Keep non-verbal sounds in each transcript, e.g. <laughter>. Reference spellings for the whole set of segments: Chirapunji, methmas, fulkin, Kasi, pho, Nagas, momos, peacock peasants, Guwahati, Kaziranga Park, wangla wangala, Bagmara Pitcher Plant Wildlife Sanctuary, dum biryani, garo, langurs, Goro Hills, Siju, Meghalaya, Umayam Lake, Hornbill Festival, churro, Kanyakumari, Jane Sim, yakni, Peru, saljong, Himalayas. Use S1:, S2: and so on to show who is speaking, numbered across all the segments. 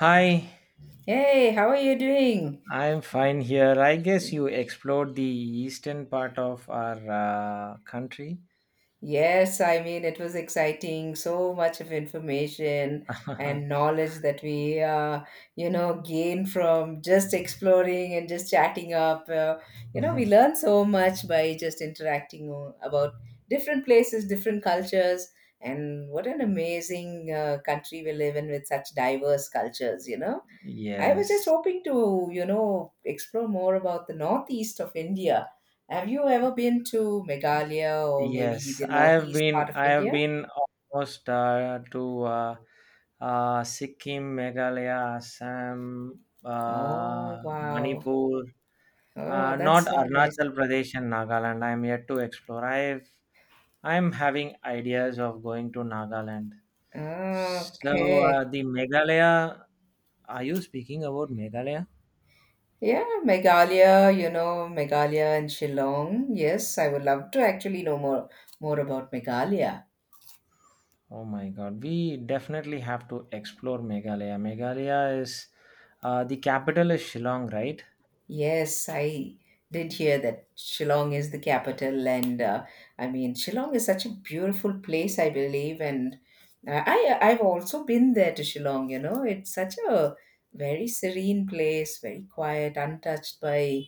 S1: Hi,
S2: Hey, how are you doing?
S1: I'm fine here. I guess you explored the eastern part of our country.
S2: Yes, I mean, it was exciting. So much of information and
S1: <laughs>
S2: knowledge that we gain from just exploring and just chatting up. We
S1: Mhm.
S2: learn so much by just about different places, different cultures, and what an amazing country we live in with such diverse cultures, you know? I was just
S1: Yes,
S2: hoping to, you know, explore more about the northeast of India. Have you ever been to Meghalaya or maybe
S1: yes.
S2: the
S1: I have
S2: northeast
S1: been,
S2: part of
S1: I have
S2: India?
S1: been almost to Sikkim, Meghalaya, Assam,
S2: Oh, wow.
S1: Manipur.
S2: Oh,
S1: Not
S2: that's so nice.
S1: Arunachal Pradesh and Nagaland. I'm yet to explore. I'm having ideas of going to Nagaland. So
S2: Okay.
S1: the Meghalaya. Are you speaking about Meghalaya?
S2: Yeah, Meghalaya, you know, Meghalaya and Shillong. Yes, I would love to actually know more about Meghalaya.
S1: Oh my god, we definitely have to explore Meghalaya. Meghalaya is, the capital is Shillong, right?
S2: Yes, I did hear that Shillong is the capital, and I mean Shillong is such a beautiful place, I believe, and I've also been there to Shillong. You know, it's such a very serene place, very quiet, untouched by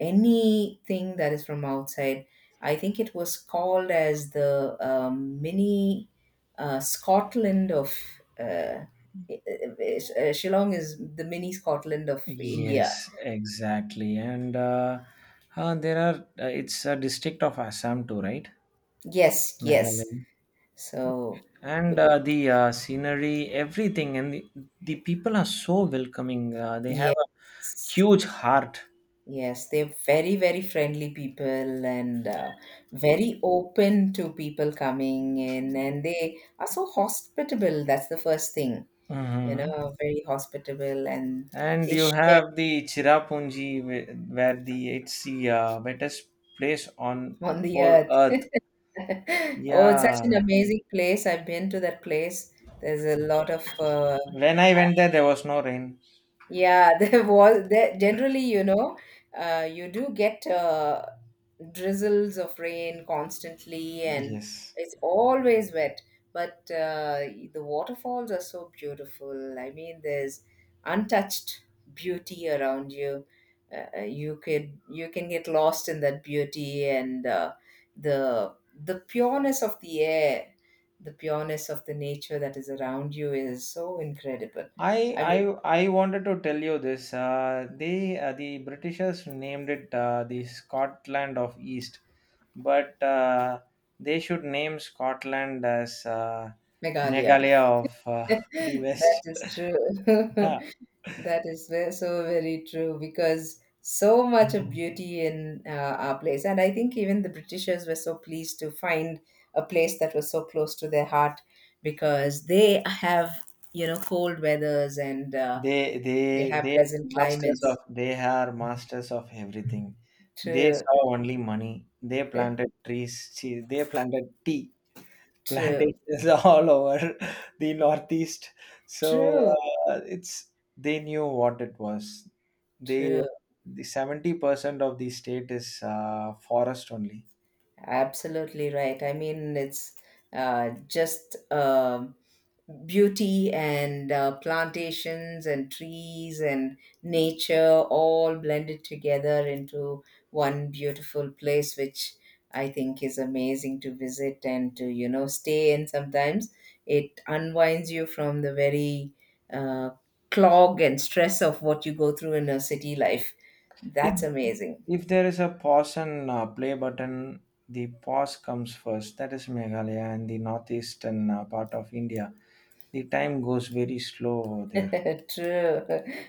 S2: anything that is from outside. I think it was called as the mini Scotland of uh, uh, Shillong is the mini Scotland of India.
S1: Yes, exactly. And there are, it's a district of Assam too, right?
S2: Yes,
S1: Meghalaya.
S2: yes. So,
S1: And
S2: b-
S1: the scenery, everything, and the people are so welcoming. They have a
S2: yes,
S1: huge heart.
S2: yes, they're very, very friendly people and very open to people coming in, and they are so hospitable. That's the first thing, you
S1: Hmm.
S2: know, very hospitable, and
S1: And
S2: they
S1: you
S2: share
S1: have the Chirapunji, where the it's the wettest place on
S2: <laughs> on the
S1: whole
S2: earth.
S1: earth.
S2: <laughs> Oh, it's such an
S1: Yeah.
S2: amazing place. I've been to that place. There's a lot of
S1: When I went there, there was no rain.
S2: Yeah, <laughs> there was there generally, you do get drizzles of rain constantly, and
S1: Yes.
S2: it's always wet. But the waterfalls are so beautiful. I mean, there's untouched beauty around you. You could You can get lost in that beauty and the the pureness of the air, the pureness of the nature that is around you is so incredible.
S1: I
S2: I
S1: I
S2: mean,
S1: I wanted to tell you this. The Britishers named it the Scotland of East, but they should name Scotland as
S2: Meghalaya. <laughs>
S1: Meghalaya of <laughs> the
S2: That
S1: West.
S2: is
S1: <laughs>
S2: true.
S1: Yeah.
S2: <laughs> So very true because so much of beauty in our place. And I think even the Britishers were so pleased to find a place that was so close to their heart because they have, you know, cold weathers and
S1: they they
S2: they have
S1: they are
S2: pleasant
S1: masters of
S2: climates.
S1: they are masters of everything. They
S2: True,
S1: saw only money. They
S2: <laughs>
S1: planted trees. See, they planted tea
S2: true,
S1: plantations <laughs> all over the northeast. So
S2: true,
S1: it's they knew what it was. they
S2: true.
S1: the 70% of the state is forest only.
S2: Absolutely right. I mean, it's just beauty and plantations and trees and nature all blended together into one beautiful place which I think is amazing to visit and to, you know, stay in sometimes. It unwinds you from the very uh, clog and stress of what you go through in a city life.
S1: It,
S2: That's amazing.
S1: if there is a pause and play button, the pause comes first. That is Meghalaya and the northeastern part of India. The time goes very slow over there.
S2: <laughs> True.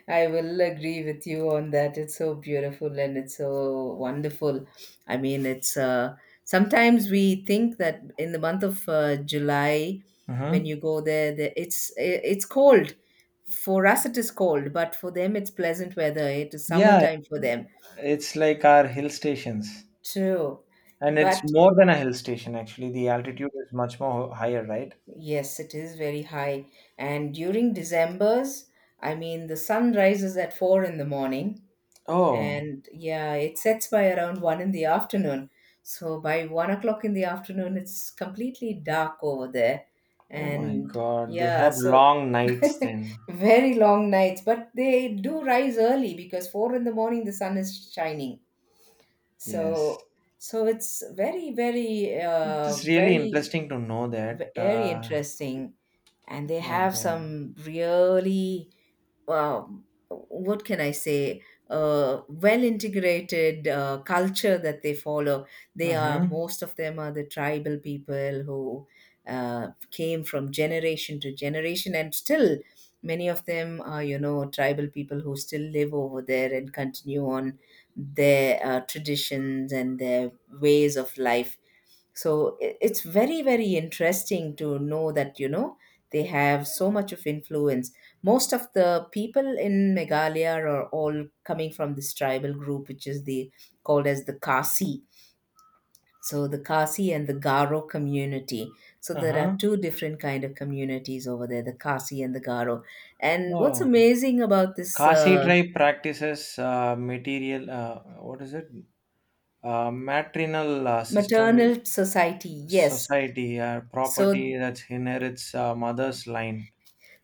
S2: I will agree with you on that. It's so beautiful and it's so wonderful. I mean, it's sometimes we think that in the month of July, when you
S1: Mhm.
S2: go there, it's cold. For us, it is cold, but for them, it's pleasant weather. It is
S1: Yeah,
S2: summertime for them.
S1: it's like our hill stations,
S2: True.
S1: and it's
S2: But
S1: more than a hill station actually. The altitude is much more higher, right?
S2: yes, it is very high. And during December's, I mean, the sun rises at 4 in the morning
S1: Oh,
S2: and yeah, it sets by around 1 in the afternoon. So by 1 o'clock in the afternoon it's completely dark over there.
S1: oh my
S2: And
S1: God! They
S2: yeah,
S1: have
S2: so
S1: long
S2: <laughs>
S1: nights then.
S2: very long nights, but they do rise early because 4 in the morning the sun is shining.
S1: Yes,
S2: So so it's
S1: it is really interesting to know that.
S2: very interesting. And
S1: Oh
S2: they
S1: my
S2: have
S1: God.
S2: some really what can I say well integrated culture that they follow. They are,
S1: Mm-hmm.
S2: most of them are the tribal people who came from generation to generation, and still many of them are, you know, tribal people who still live over there and continue on their traditions and their ways of life. So it's very very interesting to know that, you know, they have so much of influence. Most of the people in Meghalaya are all coming from this tribal group which is the called as the Kasi. So the Kasi and the Garo community, so there are
S1: Uh-huh.
S2: two different kind of communities over there, the Kasi and the Garo. And what's
S1: Oh,
S2: amazing about this
S1: Kasi tribe practices material, what is it? Matrinal
S2: maternal
S1: system
S2: society, yes.
S1: society,
S2: So
S1: property that inherits mother's line.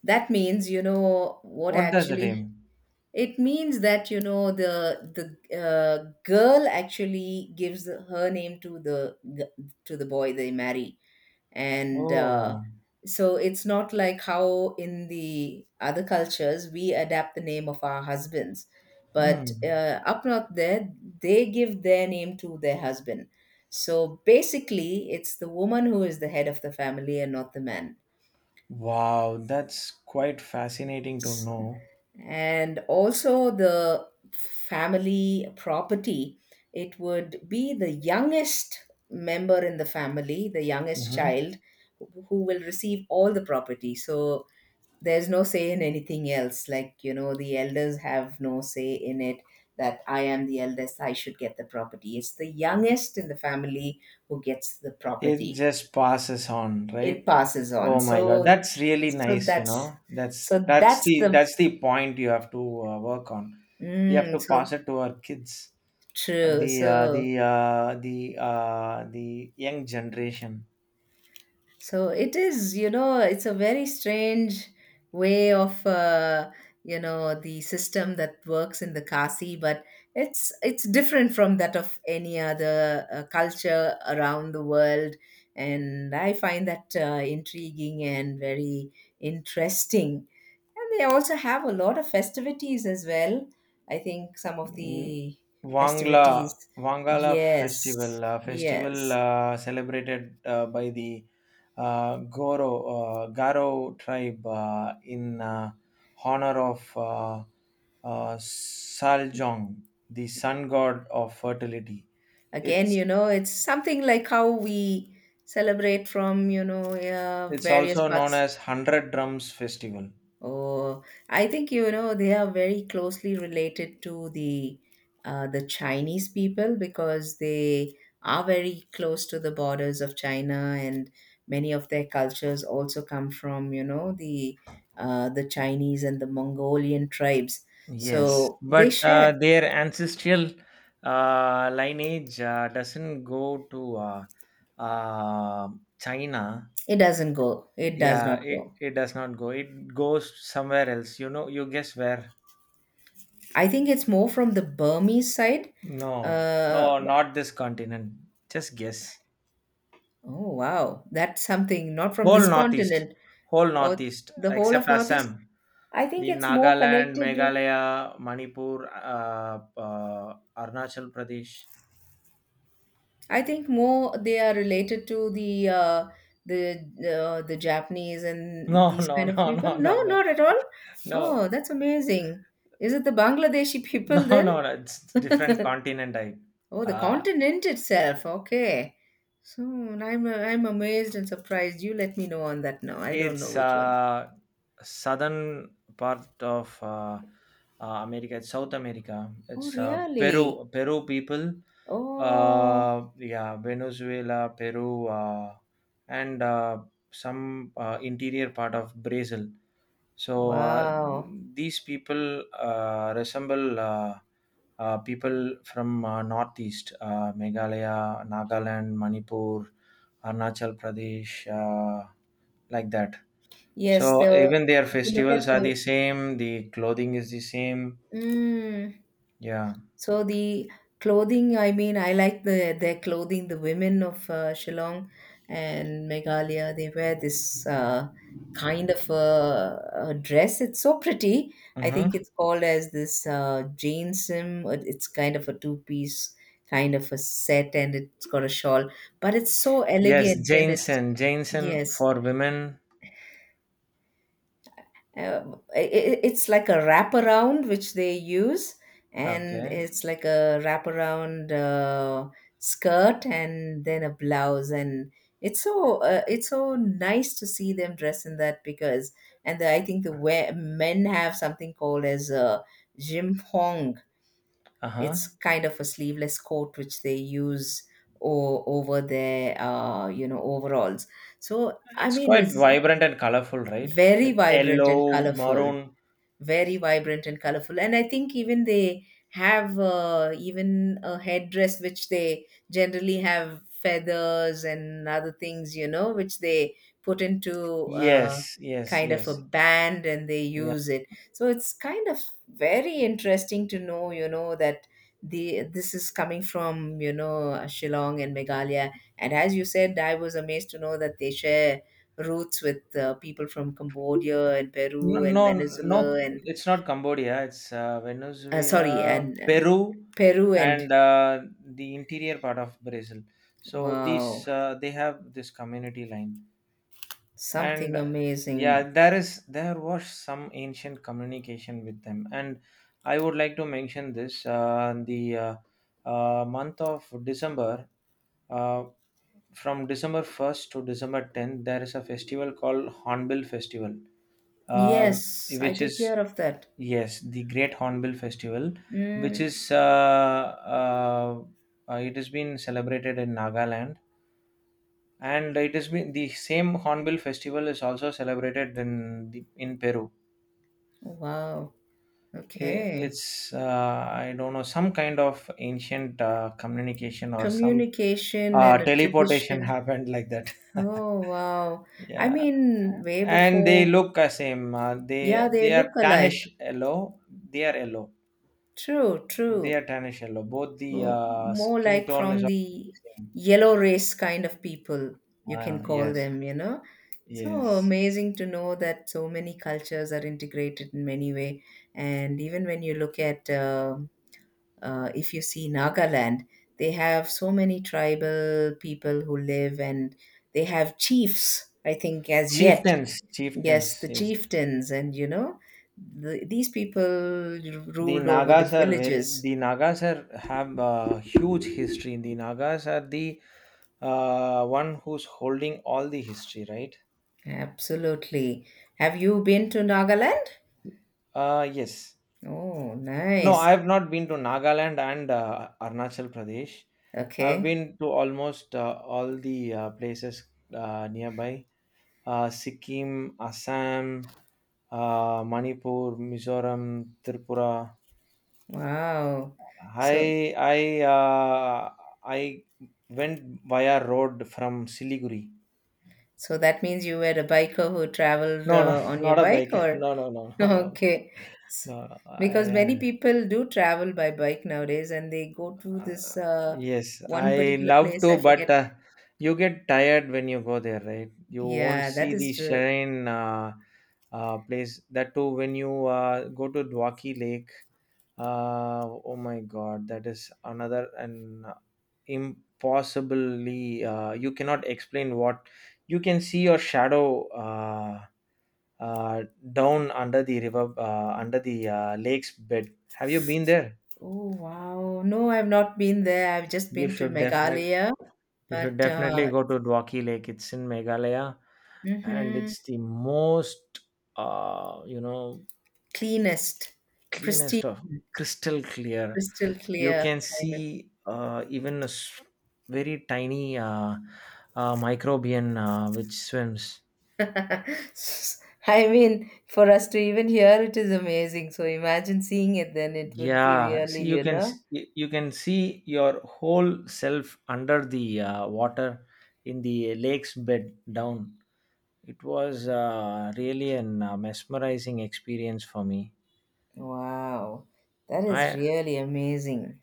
S2: that means, you know what
S1: What does it
S2: actually,
S1: mean?
S2: it means that, you know, the girl actually gives her name to to the boy they marry, and
S1: Oh,
S2: so it's not like how in the other cultures we adapt the name of our husbands,
S1: hmm.
S2: but up north there they give their name to their husband. So basically, it's the woman who is the head of the family and not the man.
S1: Wow, that's quite fascinating to know.
S2: And also the family property, it would be the youngest member in the family, the youngest
S1: Hmm.
S2: child who will receive all the property. So there's no say in anything else, like, you know, the elders have no say in it, that I am the eldest I should get the property. It's the youngest in the family who gets the
S1: It
S2: property.
S1: just passes on,
S2: It
S1: right?
S2: passes on.
S1: Oh my God,
S2: So
S1: that's really
S2: so
S1: nice, you
S2: that's
S1: know. That's
S2: so
S1: that's
S2: that's
S1: the
S2: the
S1: that's the point you have to work on. We have
S2: mm,
S1: to
S2: so
S1: pass it to our kids. Uh,
S2: true.
S1: the uh, the
S2: So,
S1: uh, the the young generation.
S2: so it is, you know, it's a very strange way of, you know, the system that works in the Kasi, but it's different from that of any other culture around the world, and I find that intriguing and very interesting. And they also have a lot of festivities as well. I think some of
S1: Mm,
S2: the
S1: wangla,
S2: festivities.
S1: wangala festival,
S2: Yes.
S1: festival
S2: Yes.
S1: celebrated by the goro garo tribe, in, uh, honor of, uh, uh, saljong, the sun god of fertility.
S2: Again,
S1: it's
S2: you know, it's something like how we celebrate from, you know,
S1: it's
S2: various
S1: also known
S2: parts.
S1: as 100 drums festival.
S2: Oh, I think, you know, they are very closely related to the Chinese people because they are very close to the borders of China, and many of their cultures also come from, you know, the Chinese and the Mongolian tribes.
S1: Yes,
S2: So they
S1: but
S2: share.
S1: their ancestral lineage doesn't go to uh, China.
S2: It doesn't go it does
S1: Yeah,
S2: not
S1: it,
S2: go.
S1: it does not go. It goes somewhere else. You know, you guess where?
S2: I think it's more from the Burmese side.
S1: No,
S2: Uh,
S1: no, not this continent. Just guess.
S2: oh wow, that's something not from
S1: Whole
S2: this
S1: Northeast,
S2: continent.
S1: whole
S2: Or
S1: Northeast,
S2: the whole of
S1: except
S2: Northeast.
S1: Assam,
S2: I think
S1: the
S2: it's more
S1: Nagaland,
S2: connected with.
S1: Meghalaya, Manipur, Arunachal Pradesh. <laughs>
S2: I think more they are related to the the Japanese and
S1: No,
S2: these
S1: no,
S2: kind of
S1: no,
S2: people.
S1: no,
S2: No,
S1: no,
S2: not
S1: no,
S2: at all.
S1: no.
S2: Oh, that's amazing. Is it the Bangladeshi
S1: No,
S2: people
S1: <laughs> no,
S2: then?
S1: no. It's different continent.
S2: Oh, the
S1: Uh,
S2: continent itself. Okay. So I'm amazed and surprised. You let me know on that now. I don't know
S1: it's
S2: which one.
S1: southern part of America. It's South America.
S2: Oh,
S1: It's
S2: really?
S1: Peru. Peru people.
S2: Oh,
S1: Yeah, Venezuela, Peru, and some interior part of Brazil. So
S2: wow.
S1: these people resemble people from northeast, Meghalaya, Nagaland, Manipur, Arunachal Pradesh, like that.
S2: Yes,
S1: So
S2: the
S1: even their
S2: if you look at
S1: festivals are
S2: the
S1: the same. The clothing is the same.
S2: mm,
S1: Yeah.
S2: so the clothing, I mean, I like the their clothing. The women of Shillong and Meghalaya, they wear this kind of a dress. It's so pretty. I think
S1: Mm-hmm.
S2: it's called as this Jane Sim. It's kind of a two-piece kind of a set, and it's got a shawl, but it's so
S1: Yes,
S2: elegant and it's
S1: Jainsen. Jainsen
S2: yes.
S1: for women.
S2: It's like a wraparound which they use, and
S1: Okay.
S2: it's like a wraparound skirt and then a blouse, and it's so nice to see them dress in that because and the, I think men have something called as a jimpong.
S1: Uh huh.
S2: It's kind of a sleeveless coat which they use over their you know, overalls. So I
S1: It's
S2: mean
S1: quite
S2: it's
S1: vibrant and colorful, right?
S2: very
S1: With
S2: vibrant and
S1: yellow,
S2: colorful,
S1: maroon.
S2: very vibrant and colorful. And I think even they have even a headdress which they generally have feathers and other things, you know, which they put into
S1: Yes, yes,
S2: kind of a
S1: yes.
S2: band and they
S1: Yeah.
S2: use it. So it's kind of very interesting to know, you know, that the this is coming from, you know, Shillong and Meghalaya. And as you said, I was amazed to know that they share roots with people from Cambodia and
S1: No,
S2: Peru and
S1: no, no,
S2: Venezuela and
S1: it's not Cambodia. It's
S2: sorry,
S1: Venezuela,
S2: and
S1: Peru,
S2: Peru and
S1: and the interior part of Brazil. So
S2: wow,
S1: these they have this community line, and
S2: something
S1: yeah,
S2: amazing.
S1: there was some ancient communication with them. And I would like to mention this: the month of December, uh, from December 1st to December 10th, there is a festival called Hornbill Festival, uh,
S2: Yes, I
S1: which
S2: did
S1: is
S2: hear of that.
S1: Yes, the Great Hornbill Festival, which
S2: Mm,
S1: is, it has been celebrated in Nagaland, and it has been the same Hornbill Festival is also celebrated in in Peru.
S2: wow. Okay.
S1: It's I don't know some kind of ancient communication or some
S2: Communication and a
S1: teleportation <laughs>
S2: tradition.
S1: happened like that. <laughs>
S2: Oh, wow. I
S1: Yeah,
S2: mean, way
S1: and they
S2: before.
S1: look the same. Uh, they
S2: Yeah, they
S1: they are
S2: look alike.
S1: tannish yellow. They are yellow.
S2: True,
S1: They
S2: true.
S1: are tannish yellow. Both the
S2: Oh, more
S1: skin
S2: like
S1: tone is
S2: from
S1: almost the
S2: the
S1: same.
S2: yellow race kind of people, you can
S1: Ah,
S2: call
S1: yes,
S2: them, you know. So
S1: yes.
S2: amazing to know that so many cultures are integrated in many way. And even when you look at, if you see Nagaland, they have so many tribal people who live and they have chiefs, I think, as yet.
S1: Chieftains,
S2: Yes,
S1: chieftains.
S2: the
S1: Yes,
S2: chieftains, and you know, the, these people
S1: the
S2: ruled over the
S1: Nagas are very.
S2: villages.
S1: The Nagas are have a huge history. The Nagas are the one who's holding all the history, right?
S2: Absolutely. Have you been to Nagaland?
S1: Yes.
S2: Oh,
S1: No,
S2: nice.
S1: I have not been to Nagaland and Arunachal Pradesh. I've
S2: Okay.
S1: been to almost all the places nearby. Sikkim, Assam, Manipur, Mizoram, Tripura.
S2: Wow.
S1: I
S2: So,
S1: I uh, I went via road from Siliguri.
S2: so that means you were a biker who traveled
S1: No, no, <laughs>
S2: on your
S1: not a
S2: bike,
S1: bike.
S2: or
S1: No, no, no,
S2: <laughs>
S1: no, no, no.
S2: okay, S-
S1: No. No.
S2: because many
S1: I.
S2: people do travel by bike nowadays, and they go to this
S1: Uh, yes,
S2: one
S1: I
S2: particular
S1: love
S2: place. I
S1: to, but
S2: forget.
S1: you get tired when you go there, right? You won't
S2: Yeah, that
S1: see the
S2: is true.
S1: shrine place. That too, when you go to Dwaki Lake, oh my God, that is another and impossibly. You cannot explain what you can see your shadow, uh, down under the river, under the lake's bed. Have you been there?
S2: Oh, wow. No, I've not been there. I've just
S1: You
S2: been to
S1: should definitely
S2: Meghalaya,
S1: you should
S2: but
S1: definitely
S2: uh,
S1: go to Dwaki Lake. It's in Meghalaya, and
S2: mhm,
S1: it's the most you know
S2: cleanest, pristine.
S1: cleanest of crystal clear.
S2: Crystal
S1: You
S2: clear
S1: can
S2: kind of
S1: see even a very tiny microbian which swims.
S2: <laughs> I mean, for us to even hear it is amazing, so imagine seeing it then it would be
S1: Yeah,
S2: really,
S1: see you
S2: you
S1: can
S2: know.
S1: you can see your whole self under the water in the lake's bed down. It was really an mesmerizing experience for me.
S2: Wow, that is
S1: I
S2: really amazing.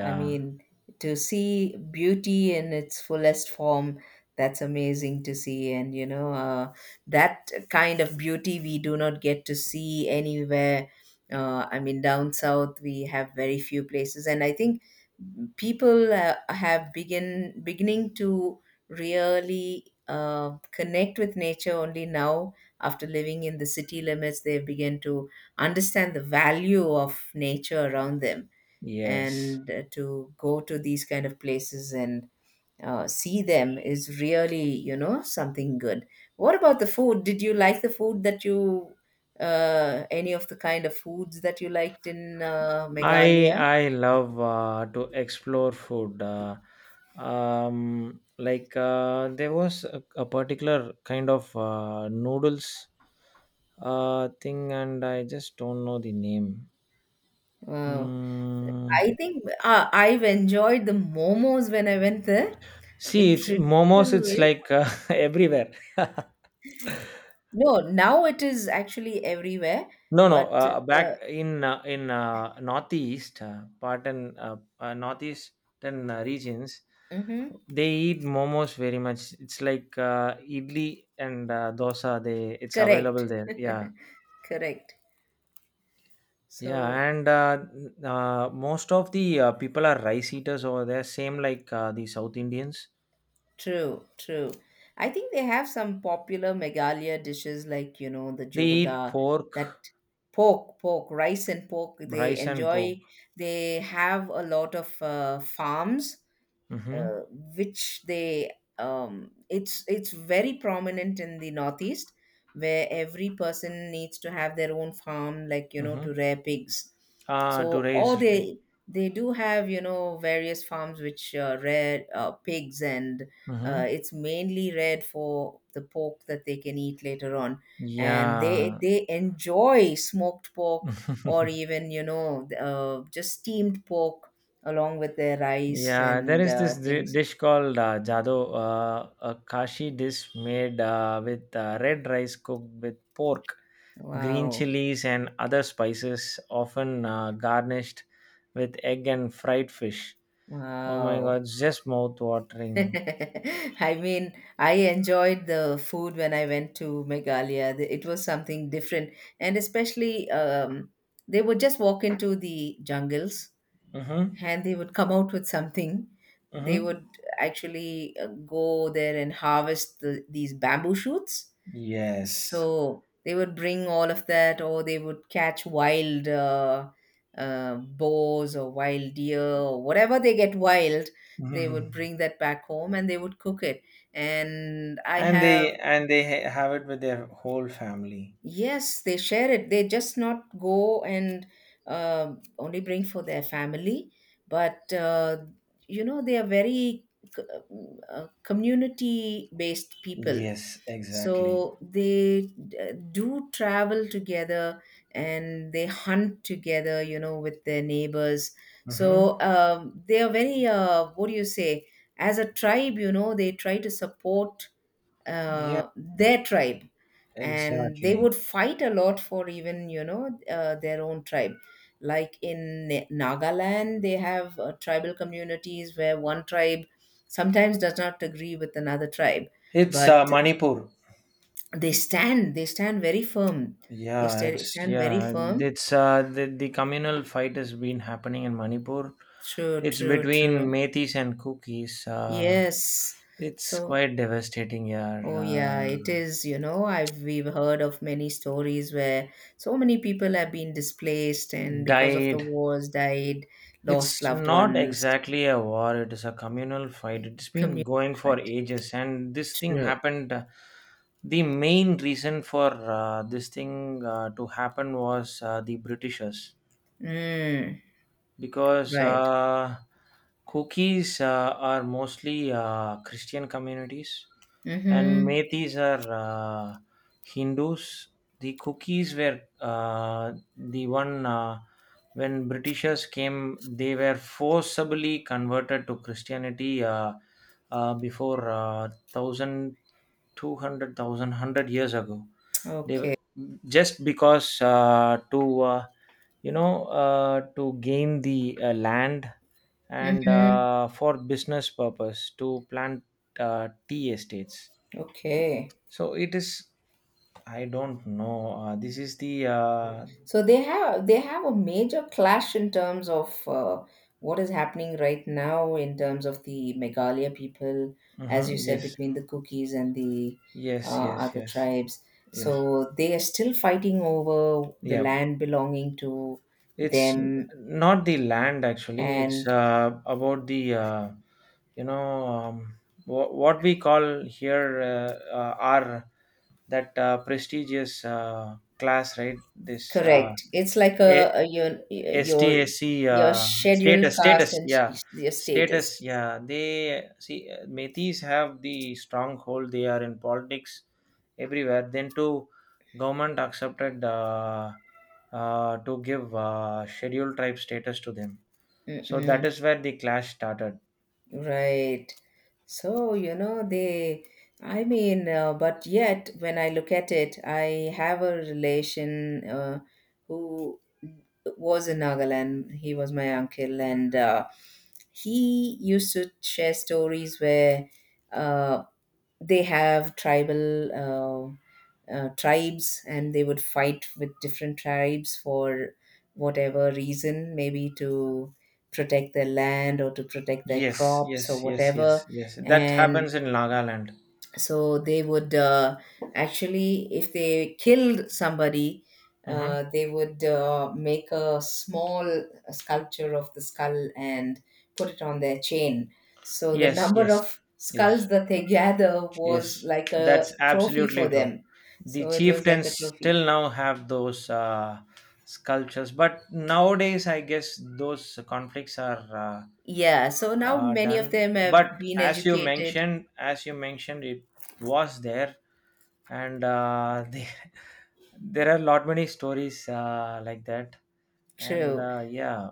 S2: I mean, to see beauty in its fullest form, that's amazing to see. And, you know, that kind of beauty we do not get to see anywhere. I mean, down south, we have very few places. And I think people have beginning to really connect with nature only now, after living in the city limits, they begin to understand the value of nature around them.
S1: yes.
S2: And to go to these kind of places and see them is really, something good. What about the food? Did you like the food that you any of the kind of foods that you liked in Meghalaya?
S1: I love to explore food. Like there was a particular kind of noodles thing, and I just don't know the name.
S2: Wow.
S1: Mm.
S2: I think I've enjoyed the momos when I went there. The
S1: See, it's momos.
S2: traditional
S1: It's
S2: ways.
S1: like <laughs> everywhere. <laughs>
S2: No, now it is actually everywhere,
S1: No, no.
S2: but uh,
S1: Back in northeast part and northeastern regions,
S2: mhm.
S1: they eat momos very much. It's like idli and dosa. They it's
S2: Correct.
S1: available there.
S2: <laughs>
S1: Yeah,
S2: Correct.
S1: yeah.
S2: So.
S1: And most of the people are rice eaters over there. Same like the South Indians.
S2: True, true. I think they have some popular Meghalaya dishes like, you know, the
S1: They eat
S2: jogoda,
S1: pork,
S2: that pork, rice and pork. They
S1: rice, and pork.
S2: enjoy, they have a lot of farms,
S1: Mm-hmm.
S2: uh, which they, it's very prominent in the northeast, where every person needs to have their own farm, like, you know,
S1: Mm-hmm.
S2: to rear pigs. So,
S1: To
S2: or
S1: raise.
S2: they, do have, you know, various farms which rear pigs. And
S1: Mm-hmm.
S2: it's mainly reared for the pork that they can eat later on. And they
S1: Yeah.
S2: enjoy smoked pork, or
S1: <laughs>
S2: even, you know, just steamed pork along with the rice
S1: Yeah, there
S2: and
S1: is this
S2: things.
S1: dish called jado, a kashi dish made with red rice cooked with pork, green
S2: Wow,
S1: chilies, and other spices, often garnished with egg and fried fish. Oh my god,
S2: wow.
S1: it's just mouth
S2: <laughs>
S1: watering.
S2: I mean, I enjoyed the food when I went to Meghalaya. It was something different, and especially, they would just walk into the jungles
S1: Mm-hmm.
S2: and they would come out with something. They would
S1: Mm-hmm.
S2: actually go there and harvest these bamboo shoots.
S1: Yes.
S2: So they would bring all of that, or they would catch wild, boars or wild deer or whatever they get wild. They would
S1: Mhm.
S2: bring that back home and they would cook it. And I
S1: And
S2: have.
S1: they and they ha- have it with their whole family.
S2: Yes, they share it. They just not go and only bring for their family, but you know, they are very c- community based people.
S1: Yes, exactly.
S2: So they do travel together and they hunt together, you know, with their neighbors.
S1: Mm-hmm.
S2: So, they are very, what do you say, as a tribe, you know, they try to support
S1: Yeah,
S2: their tribe. And they
S1: exactly.
S2: would fight a lot for, even you know, their own tribe, like in Nagaland, they have tribal communities where one tribe sometimes does not agree with another tribe.
S1: It's
S2: But
S1: Manipur.
S2: they stand very firm. they sta- stand very
S1: Yeah,
S2: firm.
S1: it's the communal fight has been happening in Manipur.
S2: True,
S1: It's
S2: true,
S1: between
S2: true.
S1: Metis and Cookies.
S2: Yes.
S1: It's
S2: So,
S1: quite devastating. Yeah,
S2: oh yeah, it is, you know, I've we've heard of many stories where so many people have been displaced and, because of the
S1: died.
S2: wars, died, lost
S1: It's
S2: loved
S1: not
S2: ones.
S1: exactly a war. It is a communal fight. It's been
S2: Communal
S1: going for
S2: fight.
S1: ages, and this thing
S2: True.
S1: happened. The main reason for this thing to happen was the Britishers,
S2: Mm,
S1: because
S2: right.
S1: cookies are mostly Christian communities and
S2: Mm-hmm.
S1: metis are Hindus. The cookies were the one, when Britishers came, they were forcibly converted to Christianity, before 1200 years ago. They
S2: Okay.
S1: Just because to you know, to gain the land, and
S2: Mm-hmm.
S1: for business purpose to plant tea estates.
S2: Okay.
S1: So it is, I don't know, this is the,
S2: So they have a major clash in terms of what is happening right now in terms of the Meghalaya people, as you
S1: mhm,
S2: said,
S1: yes,
S2: between the Cookies and the
S1: yes,
S2: uh,
S1: yes,
S2: other
S1: yes,
S2: tribes.
S1: yes,
S2: So they are still fighting over the
S1: yeah.
S2: land belonging to
S1: It's
S2: them.
S1: not the land actually. It's
S2: And,
S1: about the, you know, what we call here, are that prestigious class, right? This,
S2: correct, it's like
S1: a
S2: a, your
S1: STSC
S2: your scheduled
S1: status,
S2: caste
S1: status,
S2: and
S1: yeah,
S2: your status.
S1: status, yeah. They see Metis have the stronghold, they are in politics everywhere. Then to government accepted to give scheduled tribe status to them, so that
S2: Mm-mm.
S1: is where the clash started.
S2: Right. So, you know, they, I mean, but yet when I look at it, I have a relation who was in Nagaland. He was my uncle, and he used to share stories where uh, they have tribal tribes and they would fight with different tribes for whatever reason, maybe to protect their land or to protect their
S1: Yes,
S2: crops or
S1: yes, yes, yes,
S2: whatever.
S1: yes, that
S2: And
S1: happens in Nagaland.
S2: so they would actually, if they killed somebody,
S1: Hmm.
S2: they would make a small sculpture of the skull and put it on their chain. So the
S1: Yes,
S2: number
S1: yes,
S2: of skulls
S1: yes.
S2: that they <laughs> gather was
S1: Yes,
S2: like a
S1: that's
S2: trophy for
S1: absolutely true.
S2: them.
S1: The
S2: So it was like
S1: chieftains
S2: a trophy.
S1: still now have those sculptures, but nowadays I guess those conflicts are
S2: Yeah. So now many of
S1: done.
S2: them have
S1: But
S2: been
S1: as you
S2: educated.
S1: mentioned, as you mentioned, it was there, and <laughs> there are lot many stories like that, and
S2: True.
S1: yeah,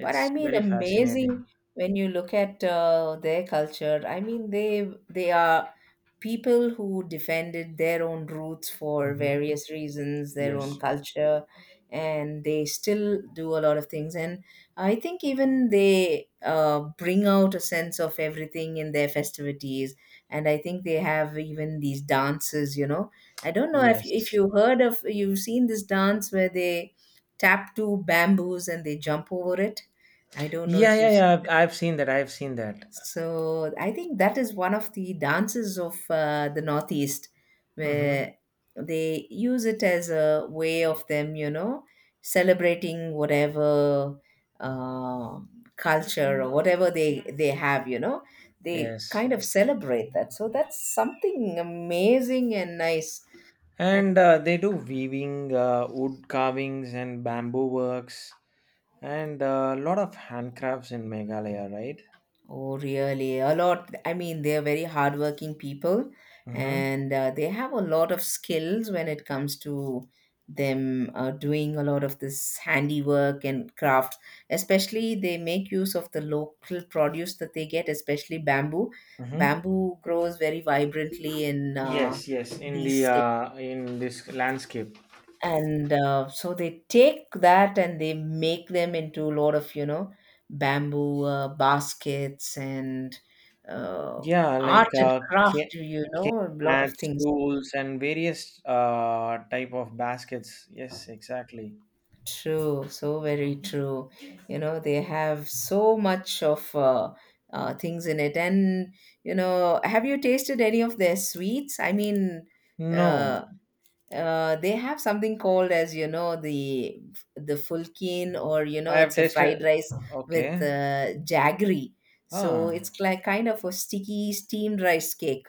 S2: But I mean,
S1: very fascinating.
S2: amazing when you look at their culture. I mean, they are people who defended their own roots for
S1: Hmm.
S2: various reasons, their own
S1: Yes,
S2: culture, and they still do a lot of things. And I think even they bring out a sense of everything in their festivities. And I think they have even these dances. You know, I don't know if
S1: yes,
S2: you heard of you've seen this dance where they tap two bamboos and they jump over it. I don't know
S1: yeah,
S2: if
S1: yeah,
S2: you've seen.
S1: yeah. I've seen that. I've seen that.
S2: So I think that is one of the dances of the Northeast,
S1: Mhm.
S2: where they use it as a way of them, you know, celebrating whatever uh, culture or whatever they have, you know. They
S1: Yes.
S2: kind of celebrate that. So that's something amazing and nice.
S1: And they do weaving, wood carvings, and bamboo works, and a lot of handcrafts in Meghalaya, right?
S2: Oh, really? A lot. I mean, they're very hardworking people,
S1: Mm-hmm.
S2: and they have a lot of skills when it comes to them doing a lot of this handiwork and crafts. Especially, they make use of the local produce that they get, especially bamboo.
S1: Mm-hmm.
S2: Bamboo grows very vibrantly in
S1: Yes, yes, in the
S2: these,
S1: in this landscape.
S2: and so they take that and they make them into a lot of, you know, bamboo baskets and uh,
S1: Yeah,
S2: art
S1: like
S2: and craft, you
S1: cane
S2: know, a lot of
S1: mats,
S2: things.
S1: tools, and various type of baskets. Yes, exactly.
S2: True. So very true. You know, they have so much of things in it. And, you know, have you tasted any of their sweets? I mean,
S1: No,
S2: uh, they have something called as, you know, the fulkin, or you know,
S1: I have
S2: it's a fried
S1: tasted.
S2: rice with
S1: Okay.
S2: jaggery. So
S1: Ah,
S2: it's like kind of a sticky steamed rice cake,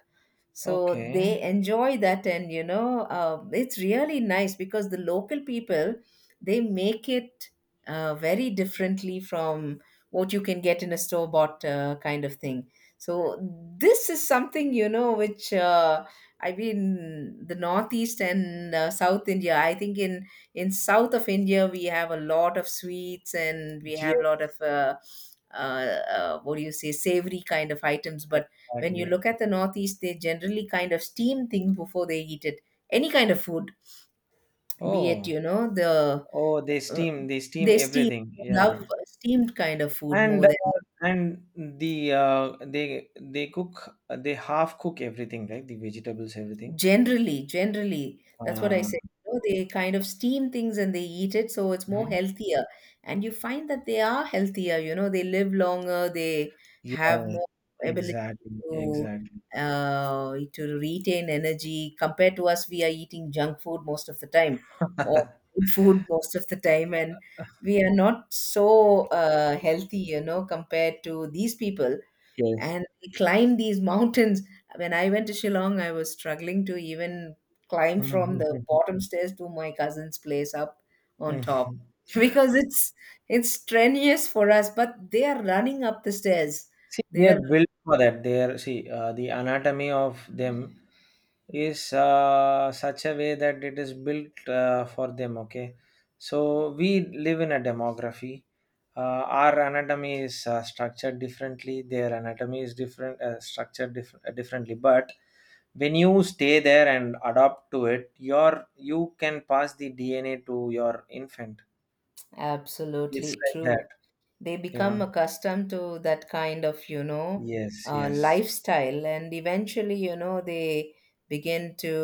S2: so
S1: okay.
S2: they enjoy that. And, you know, it's really nice because the local people, they make it very differently from what you can get in a store bought kind of thing. So this is something, you know, which I've been the northeast and South India. I think in south of India, we have a lot of sweets, and we have
S1: Yeah,
S2: a lot of what do you say, savory kind of items. But when you
S1: exactly.
S2: look at the northeast, they generally kind of steam things before they eat it. Any kind of food, be it,
S1: Oh.
S2: you know,
S1: Oh,
S2: uh,
S1: they steam
S2: they steam,
S1: everything.
S2: love
S1: Yeah,
S2: steamed kind of food
S1: and
S2: more than.
S1: and they cook, they half cook everything, right? The vegetables, everything.
S2: Generally, generally, that's what I
S1: Uh,
S2: say. You know, they kind of steam things and they eat it, so it's more
S1: mhm.
S2: healthier. And you find that they are healthier, you know, they live longer, they have
S1: Yeah,
S2: more ability to
S1: exactly.
S2: to retain energy compared to us. We are eating junk food most of the time, or
S1: <laughs>
S2: fried food <laughs> most of the time, and we are not so healthy, you know, compared to these people,
S1: Yes.
S2: and we climbed these mountains. When I went to Shillong, I was struggling to even climb from the bottom stairs to my cousin's place up on top
S1: <laughs>
S2: <laughs> because it's strenuous for us. But they are running up the stairs.
S1: See,
S2: They
S1: they are
S2: are.
S1: built for that. They are see the anatomy of them is such a way that it is built for them, okay, so we live in a demography, uh, our anatomy is structured differently, their anatomy is different, structured differently, but when you stay there and adopt to it, your you can pass the DNA to your infant. It's
S2: Absolutely
S1: like that.
S2: true. They
S1: You know,
S2: become accustomed to that kind of, you know,
S1: yes, yes.
S2: lifestyle, and eventually, you know, they begin to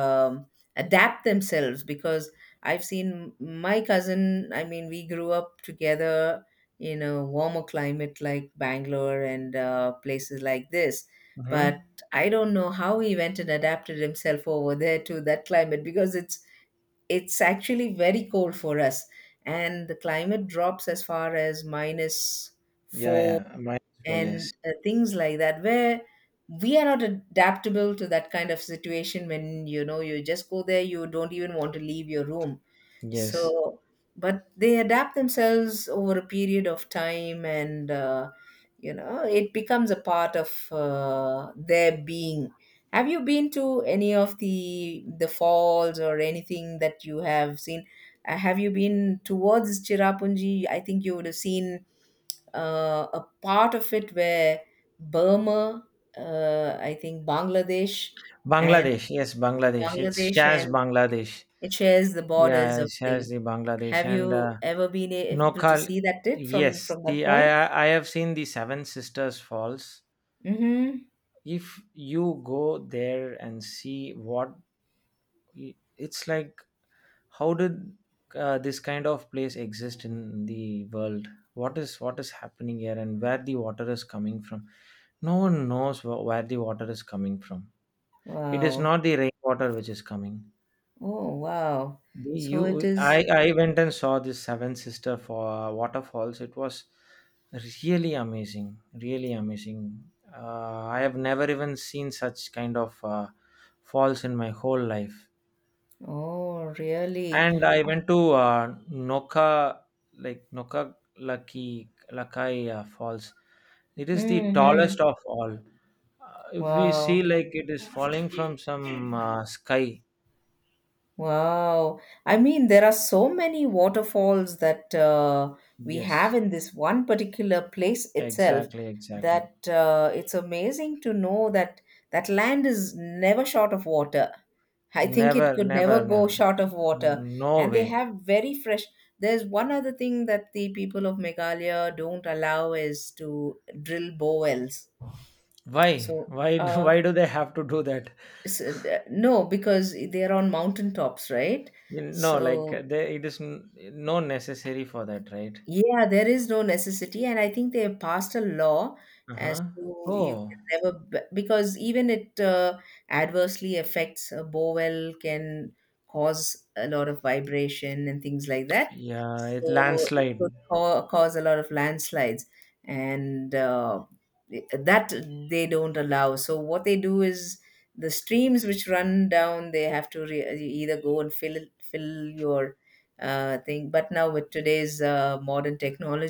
S2: adapt themselves because I've seen my cousin. I mean, we grew up together in a warmer climate like Bangalore and places like this. But
S1: Mm-hmm.
S2: I don't know how he went and adapted himself over there to that climate because it's actually very cold for us, and the climate drops as far as minus
S1: Yeah,
S2: four
S1: yeah, mine is for,
S2: and
S1: yes,
S2: things like that, where we are not adaptable to that kind of situation. When, you know, you just go there, you don't even want to leave your room.
S1: yes.
S2: So, but they adapt themselves over a period of time, and you know, it becomes a part of their being. Have you been to any of the falls or anything that you have seen? Have you been towards Chirapunji? I think you would have seen a part of it where Burma, I think Bangladesh, and
S1: Bangladesh, yes, Bangladesh, it's
S2: Bangladesh
S1: shaz
S2: and
S1: Bangladesh.
S2: it shares the borders
S1: Yeah,
S2: of
S1: it has
S2: thing.
S1: the Bangladesh
S2: Have
S1: and
S2: you ever been able to
S1: Nokal.
S2: see that it from
S1: Yes,
S2: from that
S1: the I
S2: point?
S1: I I have seen the Seven Sisters Falls.
S2: Mm-hmm.
S1: If you go there and see what it's like, how did this kind of place exist in the world? What is happening here, and where the water is coming from? No one knows where the water is coming from. It is
S2: Wow.
S1: not the rainwater which is coming.
S2: Oh, wow.
S1: The,
S2: So it
S1: you,
S2: is.
S1: I went and saw this Seven Sister for waterfalls. It was really amazing, really amazing. I have never even seen such kind of falls in my whole life.
S2: Oh, really?
S1: And I went to Noka, like Noka Laki Lakai Falls. It is the
S2: Mm-hmm.
S1: tallest of all. If we see,
S2: Wow.
S1: like it is falling from some sky.
S2: Wow. I mean, there are so many waterfalls that we have
S1: Yes,
S2: in this one particular place itself,
S1: exactly, exactly.
S2: that it's amazing to know that that land is never short of water. I think it
S1: Never,
S2: could
S1: never,
S2: never go
S1: never.
S2: short of water.
S1: No
S2: And they
S1: way.
S2: have very fresh. There's one other thing that the people of Meghalaya don't allow is to drill bowells.
S1: Why?
S2: So,
S1: Why? <laughs> Why do they have to do that?
S2: no, because they're on mountain tops, right?
S1: No, like
S2: So.
S1: they, it is no necessary for that, right?
S2: Yeah, there is no necessity, and I think they have passed a law
S1: Uh
S2: as
S1: huh.
S2: to you
S1: Oh,
S2: can never because even it adversely affects a bowel, can cause a lot of vibration and things like that.
S1: yeah. It
S2: So it
S1: landslide.
S2: could cause a lot of landslides, and that they don't allow. So what they do is the streams which run down, they have to either go and fill your thing. But now with today's modern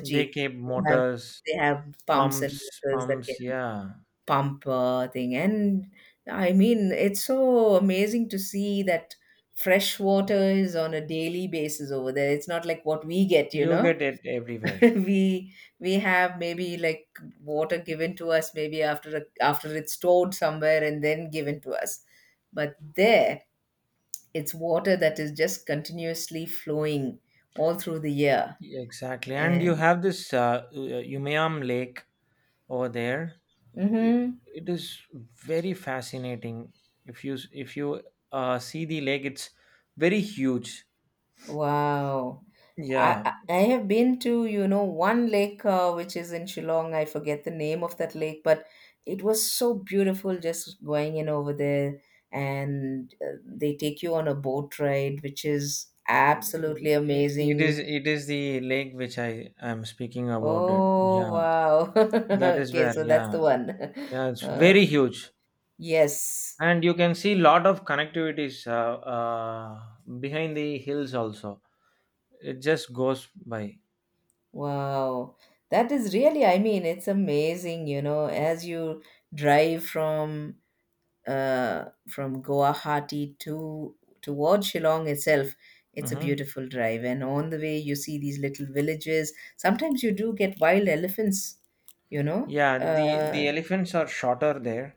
S1: They keep
S2: they have
S1: motors,
S2: they have pumps and
S1: pumps,
S2: motors that
S1: pumps.
S2: can
S1: Yeah,
S2: pump thing. And I mean, it's so amazing to see that fresh water is on a daily basis over there. It's not like what we get, you
S1: you
S2: know.
S1: get it
S2: <laughs>
S1: everywhere.
S2: we we have maybe like water given to us maybe after it's stored somewhere and then given to us. But there, it's water that is just continuously flowing all through the year
S1: Exactly. And you
S2: and
S1: have this Umayam Lake over there. it
S2: mm-hmm.
S1: it is very fascinating. If you see the lake, it's very huge.
S2: Wow. I,
S1: Yeah.
S2: I I have been to one lake which is in Shillong. I forget the name of that lake, but it was so beautiful just going in over there, and they take you on a boat ride which is absolutely
S1: It is,
S2: amazing.
S1: it is the lake which I am speaking about it.
S2: Oh,
S1: Yeah,
S2: wow. <laughs>
S1: that is
S2: Okay,
S1: where.
S2: so that's the
S1: Yeah,
S2: one.
S1: yeah,
S2: <laughs>
S1: it's
S2: uh,
S1: very huge.
S2: yes.
S1: And you can see lot of connectivities, behind the hills also. It just goes by.
S2: Wow, that is really, I mean, it's amazing, as you drive from Guwahati to towards Shillong itself, it's a
S1: Hmm.
S2: beautiful drive. And on the way, you see these little villages. Sometimes you do get wild elephants. You know,
S1: Yeah,
S2: uh,
S1: the elephants are shorter there.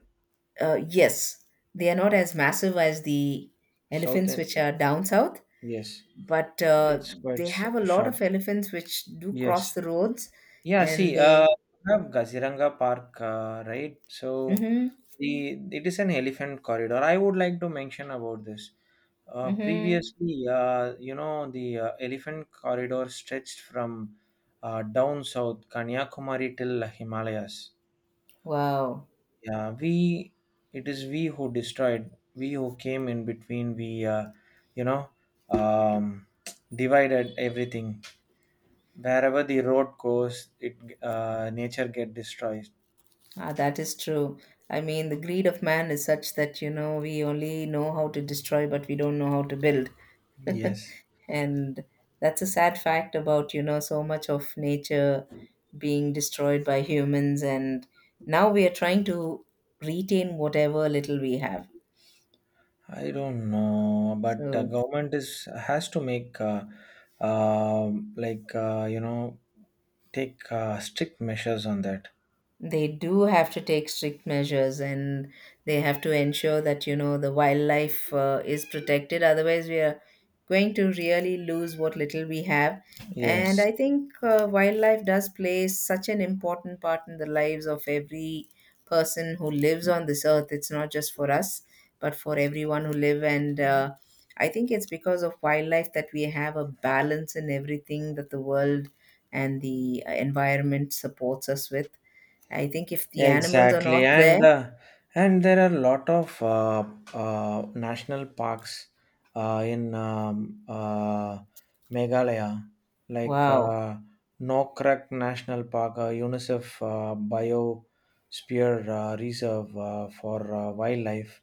S2: yes, they are not as massive as the
S1: South
S2: elephants
S1: in,
S2: which are down south,
S1: yes.
S2: but
S1: It's
S2: they have a lot
S1: short.
S2: of elephants which do cross
S1: Yes.
S2: the roads,
S1: Yeah,
S2: and
S1: see,
S2: they.
S1: we have Kaziranga Park, right? So
S2: Mm-hmm,
S1: the it is an elephant corridor. I would like to mention about this.
S2: mm-hmm.
S1: Previously, you know, the elephant corridor stretched from down south, Kanyakumari till Himalayas.
S2: Wow.
S1: Yeah, we it is we who destroyed, we who came in between, we you know, um, divided everything. Wherever the road goes, it nature get destroyed.
S2: Ah, that is true. I mean, the greed of man is such that we only know how to destroy, but we don't know how to build. <laughs>
S1: Yes,
S2: And that's a sad fact about so much of nature being destroyed by humans. And now we are trying to retain whatever little we have.
S1: I don't know, but
S2: So
S1: government is has to make like, you know, take strict measures on that.
S2: they do have to take strict measures, and they have to ensure that the wildlife is protected. Otherwise, we are going to really lose what little we have. And
S1: Yes.
S2: I think wildlife does play such an important part in the lives of every person who lives on this earth. It's not just for us, but for everyone who live, and I think it's because of wildlife that we have a balance in everything that the world and the environment supports us with. I think if the animals are not
S1: Exactly,
S2: there,
S1: and there are a lot of national parks in Meghalaya, like
S2: wow.
S1: Nokrek National Park, UNICEF Biosphere Reserve for wildlife,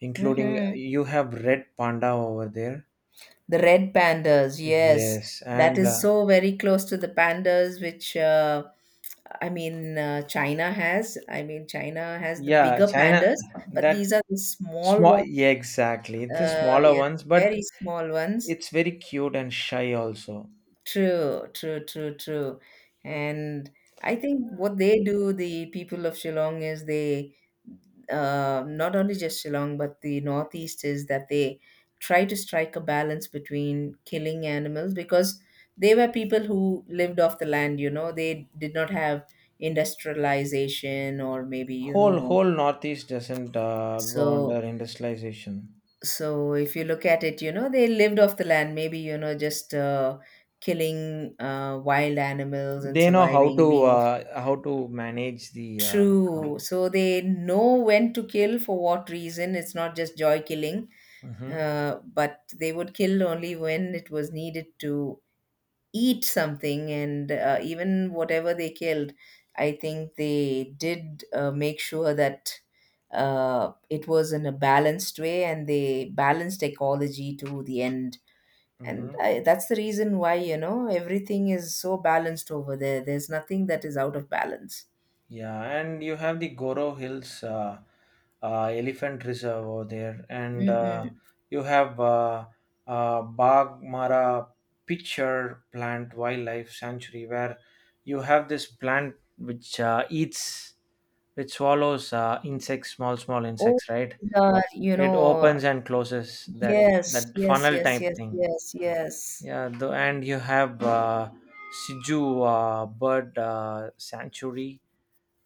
S1: including
S2: Hmm.
S1: you have red panda over there.
S2: The red pandas, yes,
S1: Yes,
S2: that
S1: and
S2: is so very close to the pandas, which I mean, China has. I mean, China has the
S1: yeah,
S2: bigger
S1: China
S2: pandas, but
S1: that
S2: these are the small
S1: small,
S2: ones,
S1: yeah, exactly. It's the
S2: uh,
S1: smaller
S2: yeah,
S1: ones, but
S2: very small ones.
S1: it's very cute and shy also.
S2: True, true, true, true. And I think what they do, the people of Shillong, is they not only just Shillong, but the Northeast, is that they try to strike a balance between killing animals because they were people who lived off the land. They did not have industrialization, or maybe, you
S1: Whole
S2: know,
S1: whole Northeast doesn't go
S2: so
S1: under industrialization.
S2: so if you look at it, they lived off the land, maybe, just killing wild animals and
S1: They know
S2: surviving, being of
S1: how to manage the.
S2: true. So they know when to kill for what reason. It's not just joy killing,
S1: Mm-hmm,
S2: uh, but they would kill only when it was needed to eat something. And even whatever they killed, I think they did make sure that it was in a balanced way, and they balanced ecology to the end. and
S1: mm-hmm.
S2: I, that's the reason why everything is so balanced over there. There's nothing that is out of balance.
S1: Yeah, and you have the Goro Hills Elephant Reserve over there, and
S2: Mm-mm.
S1: you have Bagmara Pitcher Plant Wildlife Sanctuary, where you have this plant which eats, which swallows insects, small small
S2: Oh.
S1: insects, right?
S2: the, you
S1: It
S2: know
S1: opens and closes that
S2: Yes,
S1: that
S2: yes,
S1: funnel
S2: yes,
S1: type
S2: yes,
S1: thing.
S2: yes, yes.
S1: Yeah, the, and you have Siju bird sanctuary.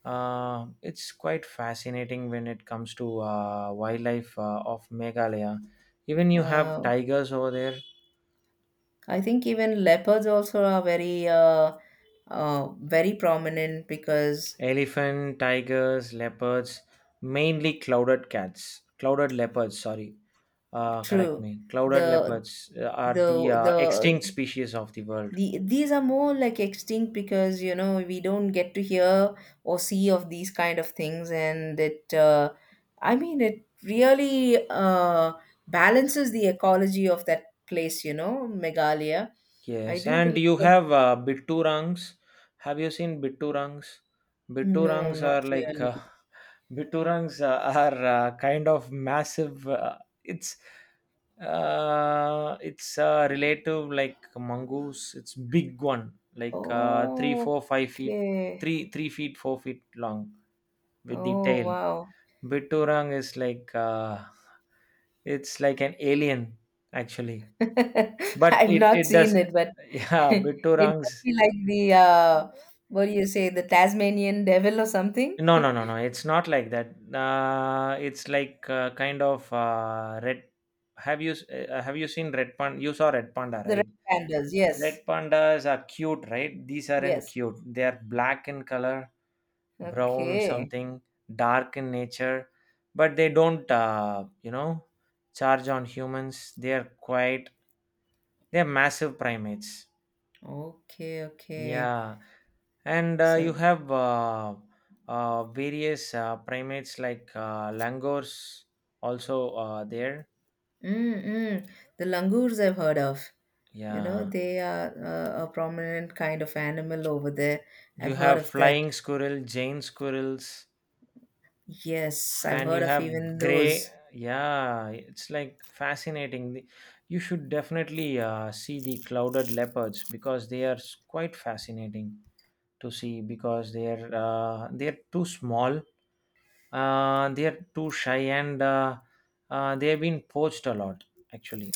S1: It's quite fascinating when it comes to wildlife of Meghalaya. Even you have
S2: Wow,
S1: tigers over there,
S2: I think even leopards also are very very prominent because
S1: elephant, tigers, leopards, mainly clouded cats, clouded leopards. Sorry, correct
S2: true.
S1: me. Clouded
S2: the
S1: leopards are the
S2: the the
S1: extinct species of the world.
S2: These are more like extinct because we don't get to hear or see of these kind of things, and it I mean, it really balances the ecology of that place, Megalia. I
S1: Yes,
S2: do
S1: and
S2: believe
S1: you
S2: that.
S1: have bitturangs. Have you seen bitturangs?
S2: No,
S1: Bitturangs
S2: not
S1: are like
S2: really.
S1: <laughs> bitturangs are kind of massive. It's relative like mongoose. It's big one, like three,
S2: Oh,
S1: four, 5 feet,
S2: okay.
S1: three, 3 feet, 4 feet long, with the
S2: Oh,
S1: tail.
S2: wow.
S1: BitTorrent is like it's like an alien actually,
S2: <laughs>
S1: but
S2: I've
S1: it
S2: not
S1: it
S2: seen
S1: does
S2: it, but
S1: <laughs>
S2: <laughs>
S1: yeah
S2: it must
S1: BitTorrents.
S2: be like the what do you say, the Tasmanian devil or something.
S1: No, no, no, no. It's not like that. It's like kind of red. Have you have you seen Red Panda? You saw Red Panda,
S2: The
S1: right?
S2: red pandas, yes.
S1: Red pandas are cute, right? These aren't
S2: Yes.
S1: cute. They are black in color, brown
S2: Okay.
S1: something, dark in nature, but they don't, you know, charge on humans. They are quite. They are massive primates.
S2: Okay, okay.
S1: Yeah, and you
S2: So,
S1: have various primates like langurs also there.
S2: mm, mm. The langurs, I've heard of.
S1: Yeah,
S2: They are a prominent kind of animal over there. I've
S1: you
S2: heard
S1: have
S2: of that.
S1: flying squirrel, Jane squirrels.
S2: Yes, I've
S1: And
S2: heard
S1: you
S2: of
S1: have
S2: even
S1: gray,
S2: those.
S1: yeah, it's like fascinating. The- you should definitely see the clouded leopards because they are quite fascinating to see because they are too small, they are too shy, and they have been poached a lot actually.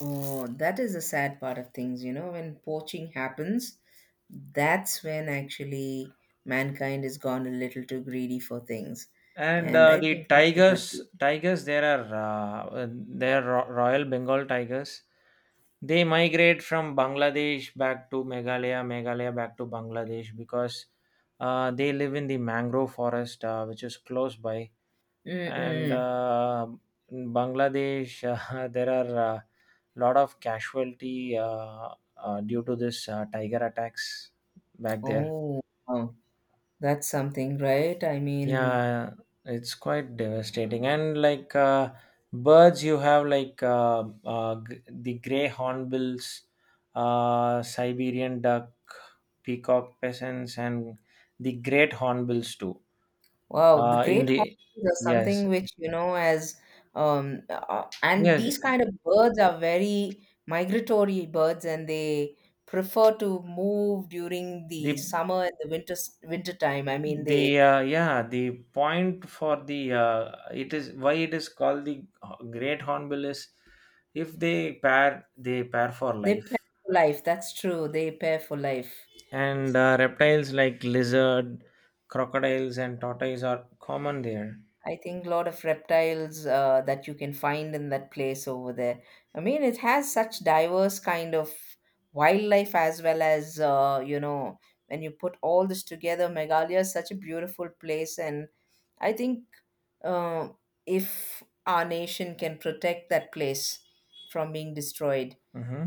S2: Oh, that is the sad part of things, when poaching happens, that's when actually mankind has gone a little too greedy for things.
S1: And
S2: And I
S1: the
S2: think that should not
S1: tigers,
S2: be.
S1: tigers, there are Royal Bengal tigers. They migrate from Bangladesh back to Meghalaya, Meghalaya back to Bangladesh because they live in the mangrove forest, which is close by. And
S2: Mm-mm.
S1: in Bangladesh, <laughs> there are a lot of casualty due to this tiger attacks back there.
S2: Oh, wow. That's something, right? I mean,
S1: Yeah, it's quite devastating. And like birds, you have like the gray hornbills, Siberian duck, peacock peasants, and the great hornbills too.
S2: wow, the
S1: In
S2: great
S1: the
S2: honkings are
S1: yes,
S2: something which, you know, as and
S1: yes,
S2: these kind of birds are very migratory birds, and they prefer to move during the
S1: the
S2: summer and the winter time. I mean, they
S1: the yeah, the point for the it is why it is called the great hornbill is if they pair, they pair for
S2: they pair
S1: life.
S2: for life. That's true. They pair for life.
S1: And reptiles like lizard, crocodiles, and tortoise are common there.
S2: I think a lot of reptiles that you can find in that place over there. I mean, it has such diverse kind of wildlife as well as when you put all this together, Meghalaya is such a beautiful place, and I think uh, if our nation can protect that place from being destroyed,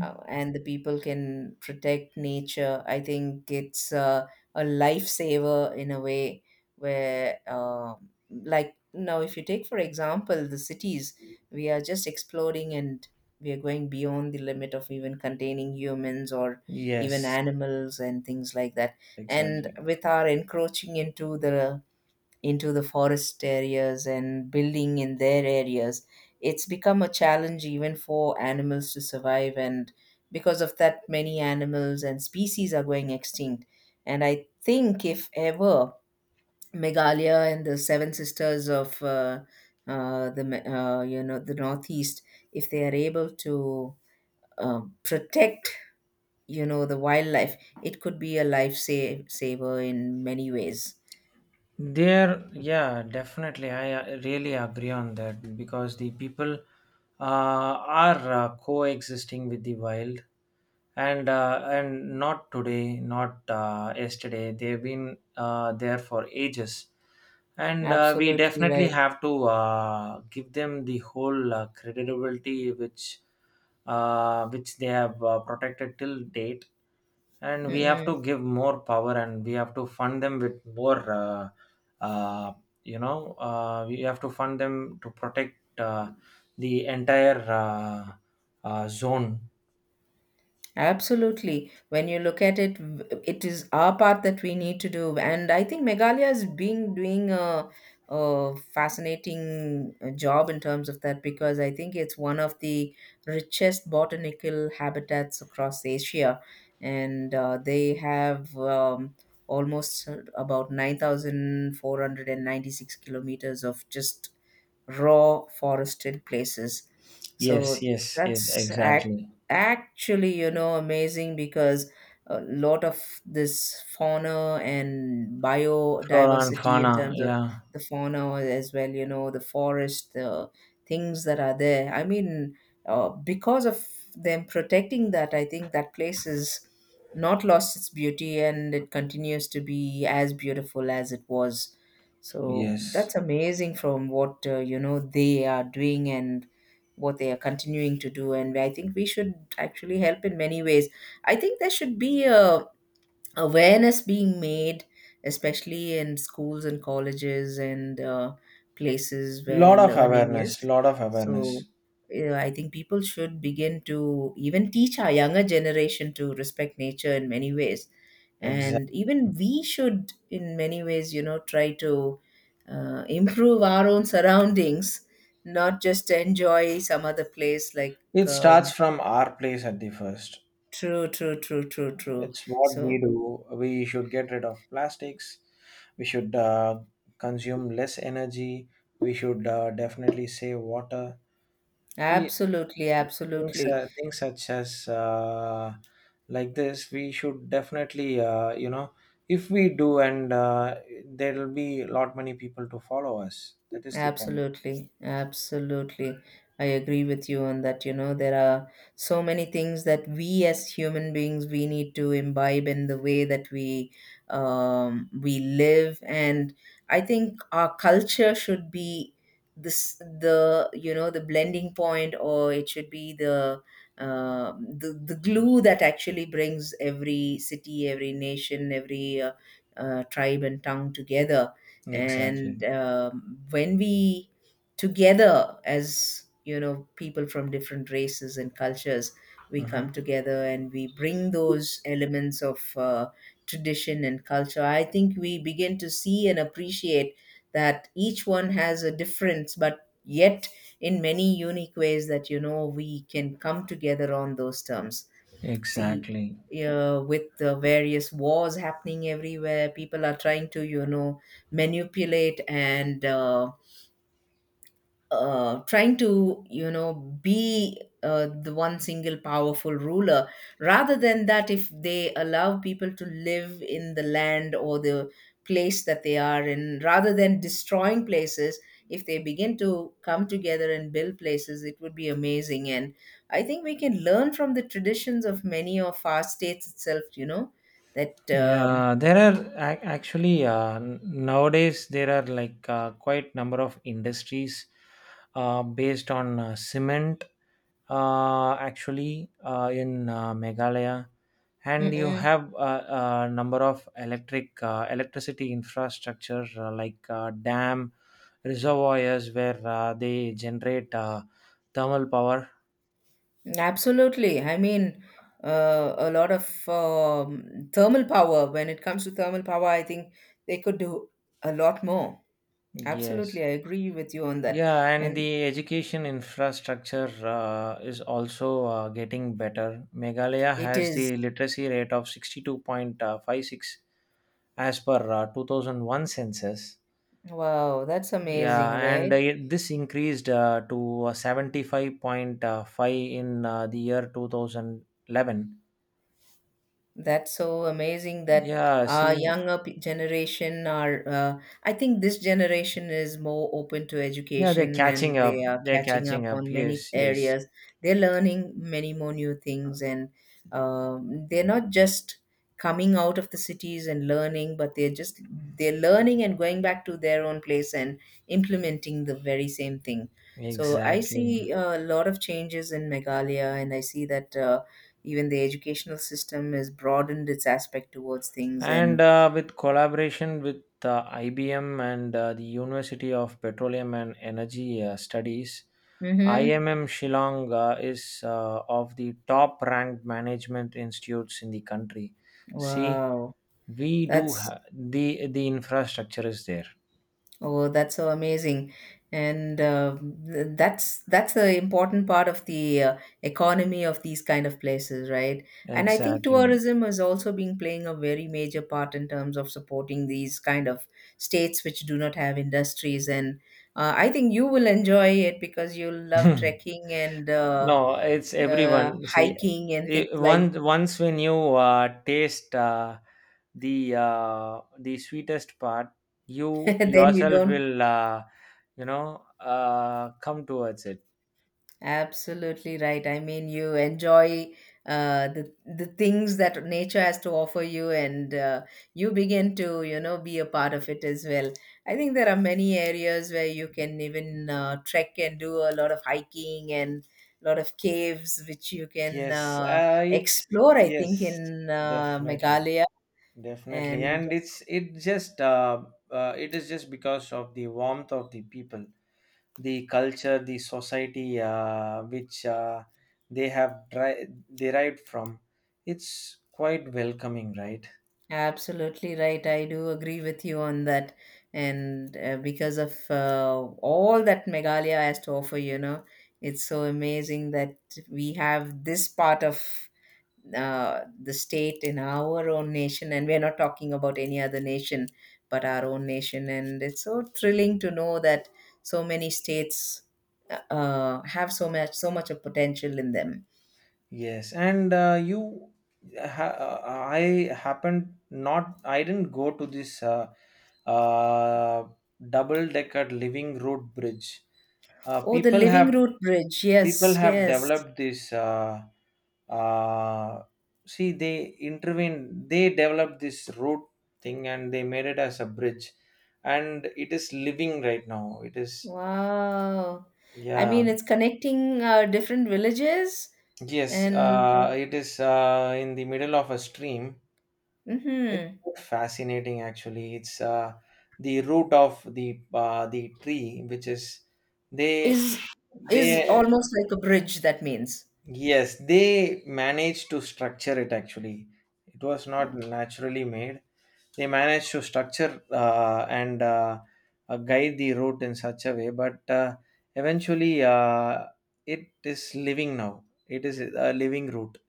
S2: and the people can protect nature, I think it's a lifesaver in a way, where, like, now if you take, for example, the cities, we are just exploding, and we are going beyond the limit of even containing humans or even
S1: Yes,
S2: animals and things like that. And
S1: exactly.
S2: with our encroaching into the forest areas and building in their areas, it's become a challenge even for animals to survive, and because of that many animals and species are going extinct. And I think if ever Meghalaya and the seven sisters of the Me- you know the Northeast, if they are able to protect the wildlife, it could be a life saver in many ways.
S1: There, yeah, definitely. I really agree on that because the people uh, are coexisting with the wild, and not today, not yesterday. They've been there for ages, and we
S2: Absolutely
S1: definitely
S2: right.
S1: have to give them the whole credibility which they have protected till date, and we have
S2: Mm-mm.
S1: to give more power, and we have to fund them with more uh, you know, we have to fund them to protect the entire zone.
S2: Absolutely. When you look at it, it is our part that we need to do. And I think Meghalaya is being doing a fascinating job in terms of that, because I think it's one of the richest botanical habitats across Asia. And they have almost about 9,496 kilometers of just raw forested places.
S1: Yes,
S2: So
S1: yes, yes,
S2: that's act-
S1: exactly.
S2: actually, amazing because a lot of this fauna and
S1: Flora and
S2: biodiversity in
S1: fauna,
S2: terms of
S1: yeah.
S2: the fauna as well, the forest, the things that are there. I mean, because of them protecting that, I think that place is not lost its beauty, and it continues to be as beautiful as it was. So
S1: Yes,
S2: that's amazing from what they are doing and what they are continuing to do, and I think we should actually help in many ways. I think there should be a awareness being made, especially in schools and colleges and places where
S1: lot of
S2: learning is.
S1: awareness, lot of
S2: So,
S1: awareness.
S2: yeah, I think people should begin to even teach our younger generation to respect nature in many ways. And even
S1: Exactly.
S2: we should, in many ways, try to improve our own surroundings, not just enjoy some other place like.
S1: it starts
S2: Um,
S1: from our place at the first
S2: true, true, true, true, true.
S1: it's what
S2: So,
S1: we do we should get rid of plastics we should consume less energy we should definitely save water we
S2: absolutely,
S1: things,
S2: absolutely,
S1: things such as like this we should definitely you know if we do and there will be a lot many people to follow us that is the point
S2: absolutely, absolutely. I agree with you on that. There are so many things that we as human beings we need to imbibe in the way that we live, and I think our culture should be this the you know the blending point, or it should be the glue that actually brings every city, every nation, every tribe and tongue together. and
S1: exactly
S2: um, when we together as people from different races and cultures, we come
S1: Mhm.
S2: together and we bring those elements of tradition and culture. I think we begin to see and appreciate that each one has a difference, but yet in many unique ways that we can come together on those terms. See,
S1: Exactly.
S2: with the various wars happening everywhere, people are trying to manipulate, and trying to be the one single powerful ruler. Rather than that, if they allow people to live in the land or the place that they are in rather than destroying places, if they begin to come together and build places, it would be amazing. And I think we can learn from the traditions of many of our states itself. That
S1: Yeah, there are actually nowadays, there are like quite number of industries based on cement. Actually, in Meghalaya, and you
S2: Mm-mm.
S1: have a number of electric electricity infrastructure like dam, reservoirs where they generate thermal power.
S2: Absolutely. I mean, a lot of thermal power. When it comes to thermal power, I think they could do a lot more.
S1: Yes.
S2: Absolutely. I agree with you on that.
S1: Yeah, and
S2: And
S1: the education infrastructure is also getting better. Meghalaya
S2: it
S1: has
S2: is,
S1: the literacy rate of 62.56 as per 2001 census.
S2: wow, that's
S1: Yeah,
S2: amazing,
S1: and
S2: right?
S1: this increased to 75.5 in the year 2011.
S2: That's so amazing that
S1: Yeah,
S2: uh,
S1: see,
S2: younger p- generation are. I think this generation is more open to
S1: yeah, they're
S2: education, and
S1: catching
S2: they
S1: up.
S2: are
S1: They're
S2: catching up
S1: catching up.
S2: on many
S1: Yes, yes,
S2: areas. They're learning many more new things, and they're not just coming out of the cities and learning, but they're learning and going back to their own place and implementing the very same thing. So I
S1: exactly.
S2: see a lot of changes in Meghalaya, and I see that. Even the educational system has broadened its aspect towards things
S1: And
S2: and
S1: with collaboration with IBM and the University of Petroleum and Energy Studies,
S2: mm-hmm.
S1: IMM Shillong is of the top ranked management institutes in the country. See,
S2: Wow.
S1: we do
S2: That's
S1: the infrastructure is there.
S2: oh that's so amazing. And that's the important part of the economy of these kind of places, right? And I think
S1: Exactly.
S2: tourism has also been playing a very major part in terms of supporting these kind of states which do not have industries. And I think you will enjoy it because you will love
S1: <laughs>
S2: trekking and
S1: No, it's
S2: uh,
S1: everyone. See,
S2: hiking and things
S1: it,
S2: like
S1: once once when you taste the sweetest part,
S2: <laughs>
S1: you
S2: then you
S1: yourself
S2: don't
S1: will you know, come towards it.
S2: absolutely right. I mean, you enjoy uh, the the things that nature has to offer you, and you begin to be a part of it as well. I think there are many areas where you can even trek and do a lot of hiking, and a lot of caves which you can
S1: Yes, it's
S2: explore, I
S1: yes,
S2: think, in
S1: definitely,
S2: Meghalaya.
S1: definitely,
S2: And
S1: and it's it just it is just because of the warmth of the people. The culture, the society, which they have derived from. It's quite welcoming, right?
S2: absolutely right. I do agree with you on that. And because of all that Meghalaya has to offer, it's so amazing that we have this part of the state in our own nation. And we're not talking about any other nation, but our own nation. And it's so thrilling to know that so many states have so much, so much of potential in them.
S1: Yes, and you, I happened not, I didn't go to this uh, double-decker living road bridge.
S2: Oh, the
S1: People
S2: Living
S1: have
S2: Root Bridge.
S1: people
S2: Yes,
S1: have
S2: yes.
S1: developed this uh, see they intervene, they developed this road thing and they made it as a bridge, and it is living right now, it is.
S2: Wow. I mean,
S1: Yeah.
S2: it's connecting different villages
S1: Yes,
S2: and
S1: it is in the middle of a stream. It's
S2: mhm.
S1: quite fascinating actually, it's the root of the tree which is they
S2: is is
S1: they.
S2: almost like a bridge, that means.
S1: Yes, they managed to structure it actually. It was not
S2: Oh,
S1: naturally made. They managed to structure and guide the route in such a way, but eventually it is living now. It is a living route.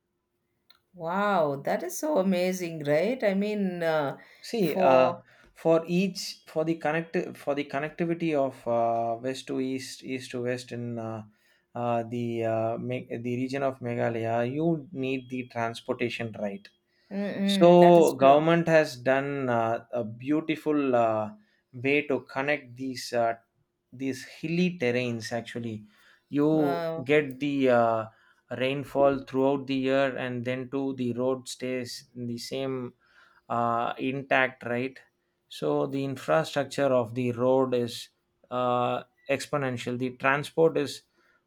S2: wow, that is so amazing, right? I mean,
S1: See,
S2: for
S1: for each for the connect for the connectivity of west to east, east to west in the the region of Meghalaya, you need the transportation, right?
S2: mm-mm, that
S1: So
S2: is true.
S1: government has done a beautiful way to connect these hilly terrains. Actually, you
S2: Wow.
S1: get the rainfall throughout the year, and then too the road stays in the same intact, right? So the infrastructure of the road is uh, exponential. The transport is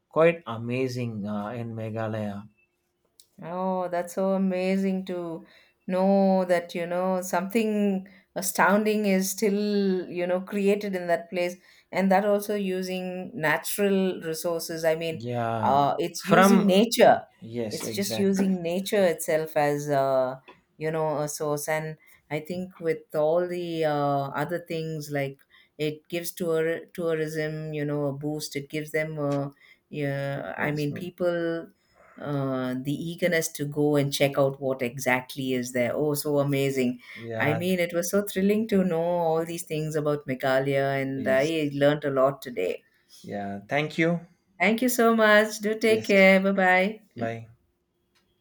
S1: quite amazing in Meghalaya.
S2: Oh, that's so amazing to know that, something astounding is still, created in that place. And that also using natural resources. I mean,
S1: Yeah.
S2: it's using
S1: From
S2: nature.
S1: yes,
S2: It's just
S1: exactly.
S2: using nature itself as, a source. And I think with all the other things, like it gives tourism, a boost. It gives them, a yeah, I
S1: Yes.
S2: mean, people the eagerness to go and check out what exactly is there. Oh, so amazing. I
S1: Yeah.
S2: mean, it was so thrilling to know all these things about Meghalaya, and
S1: Yes.
S2: I learned a lot today.
S1: Yeah. Thank you.
S2: Thank you so much. Do take
S1: Yes.
S2: care. Bye bye.
S1: Bye.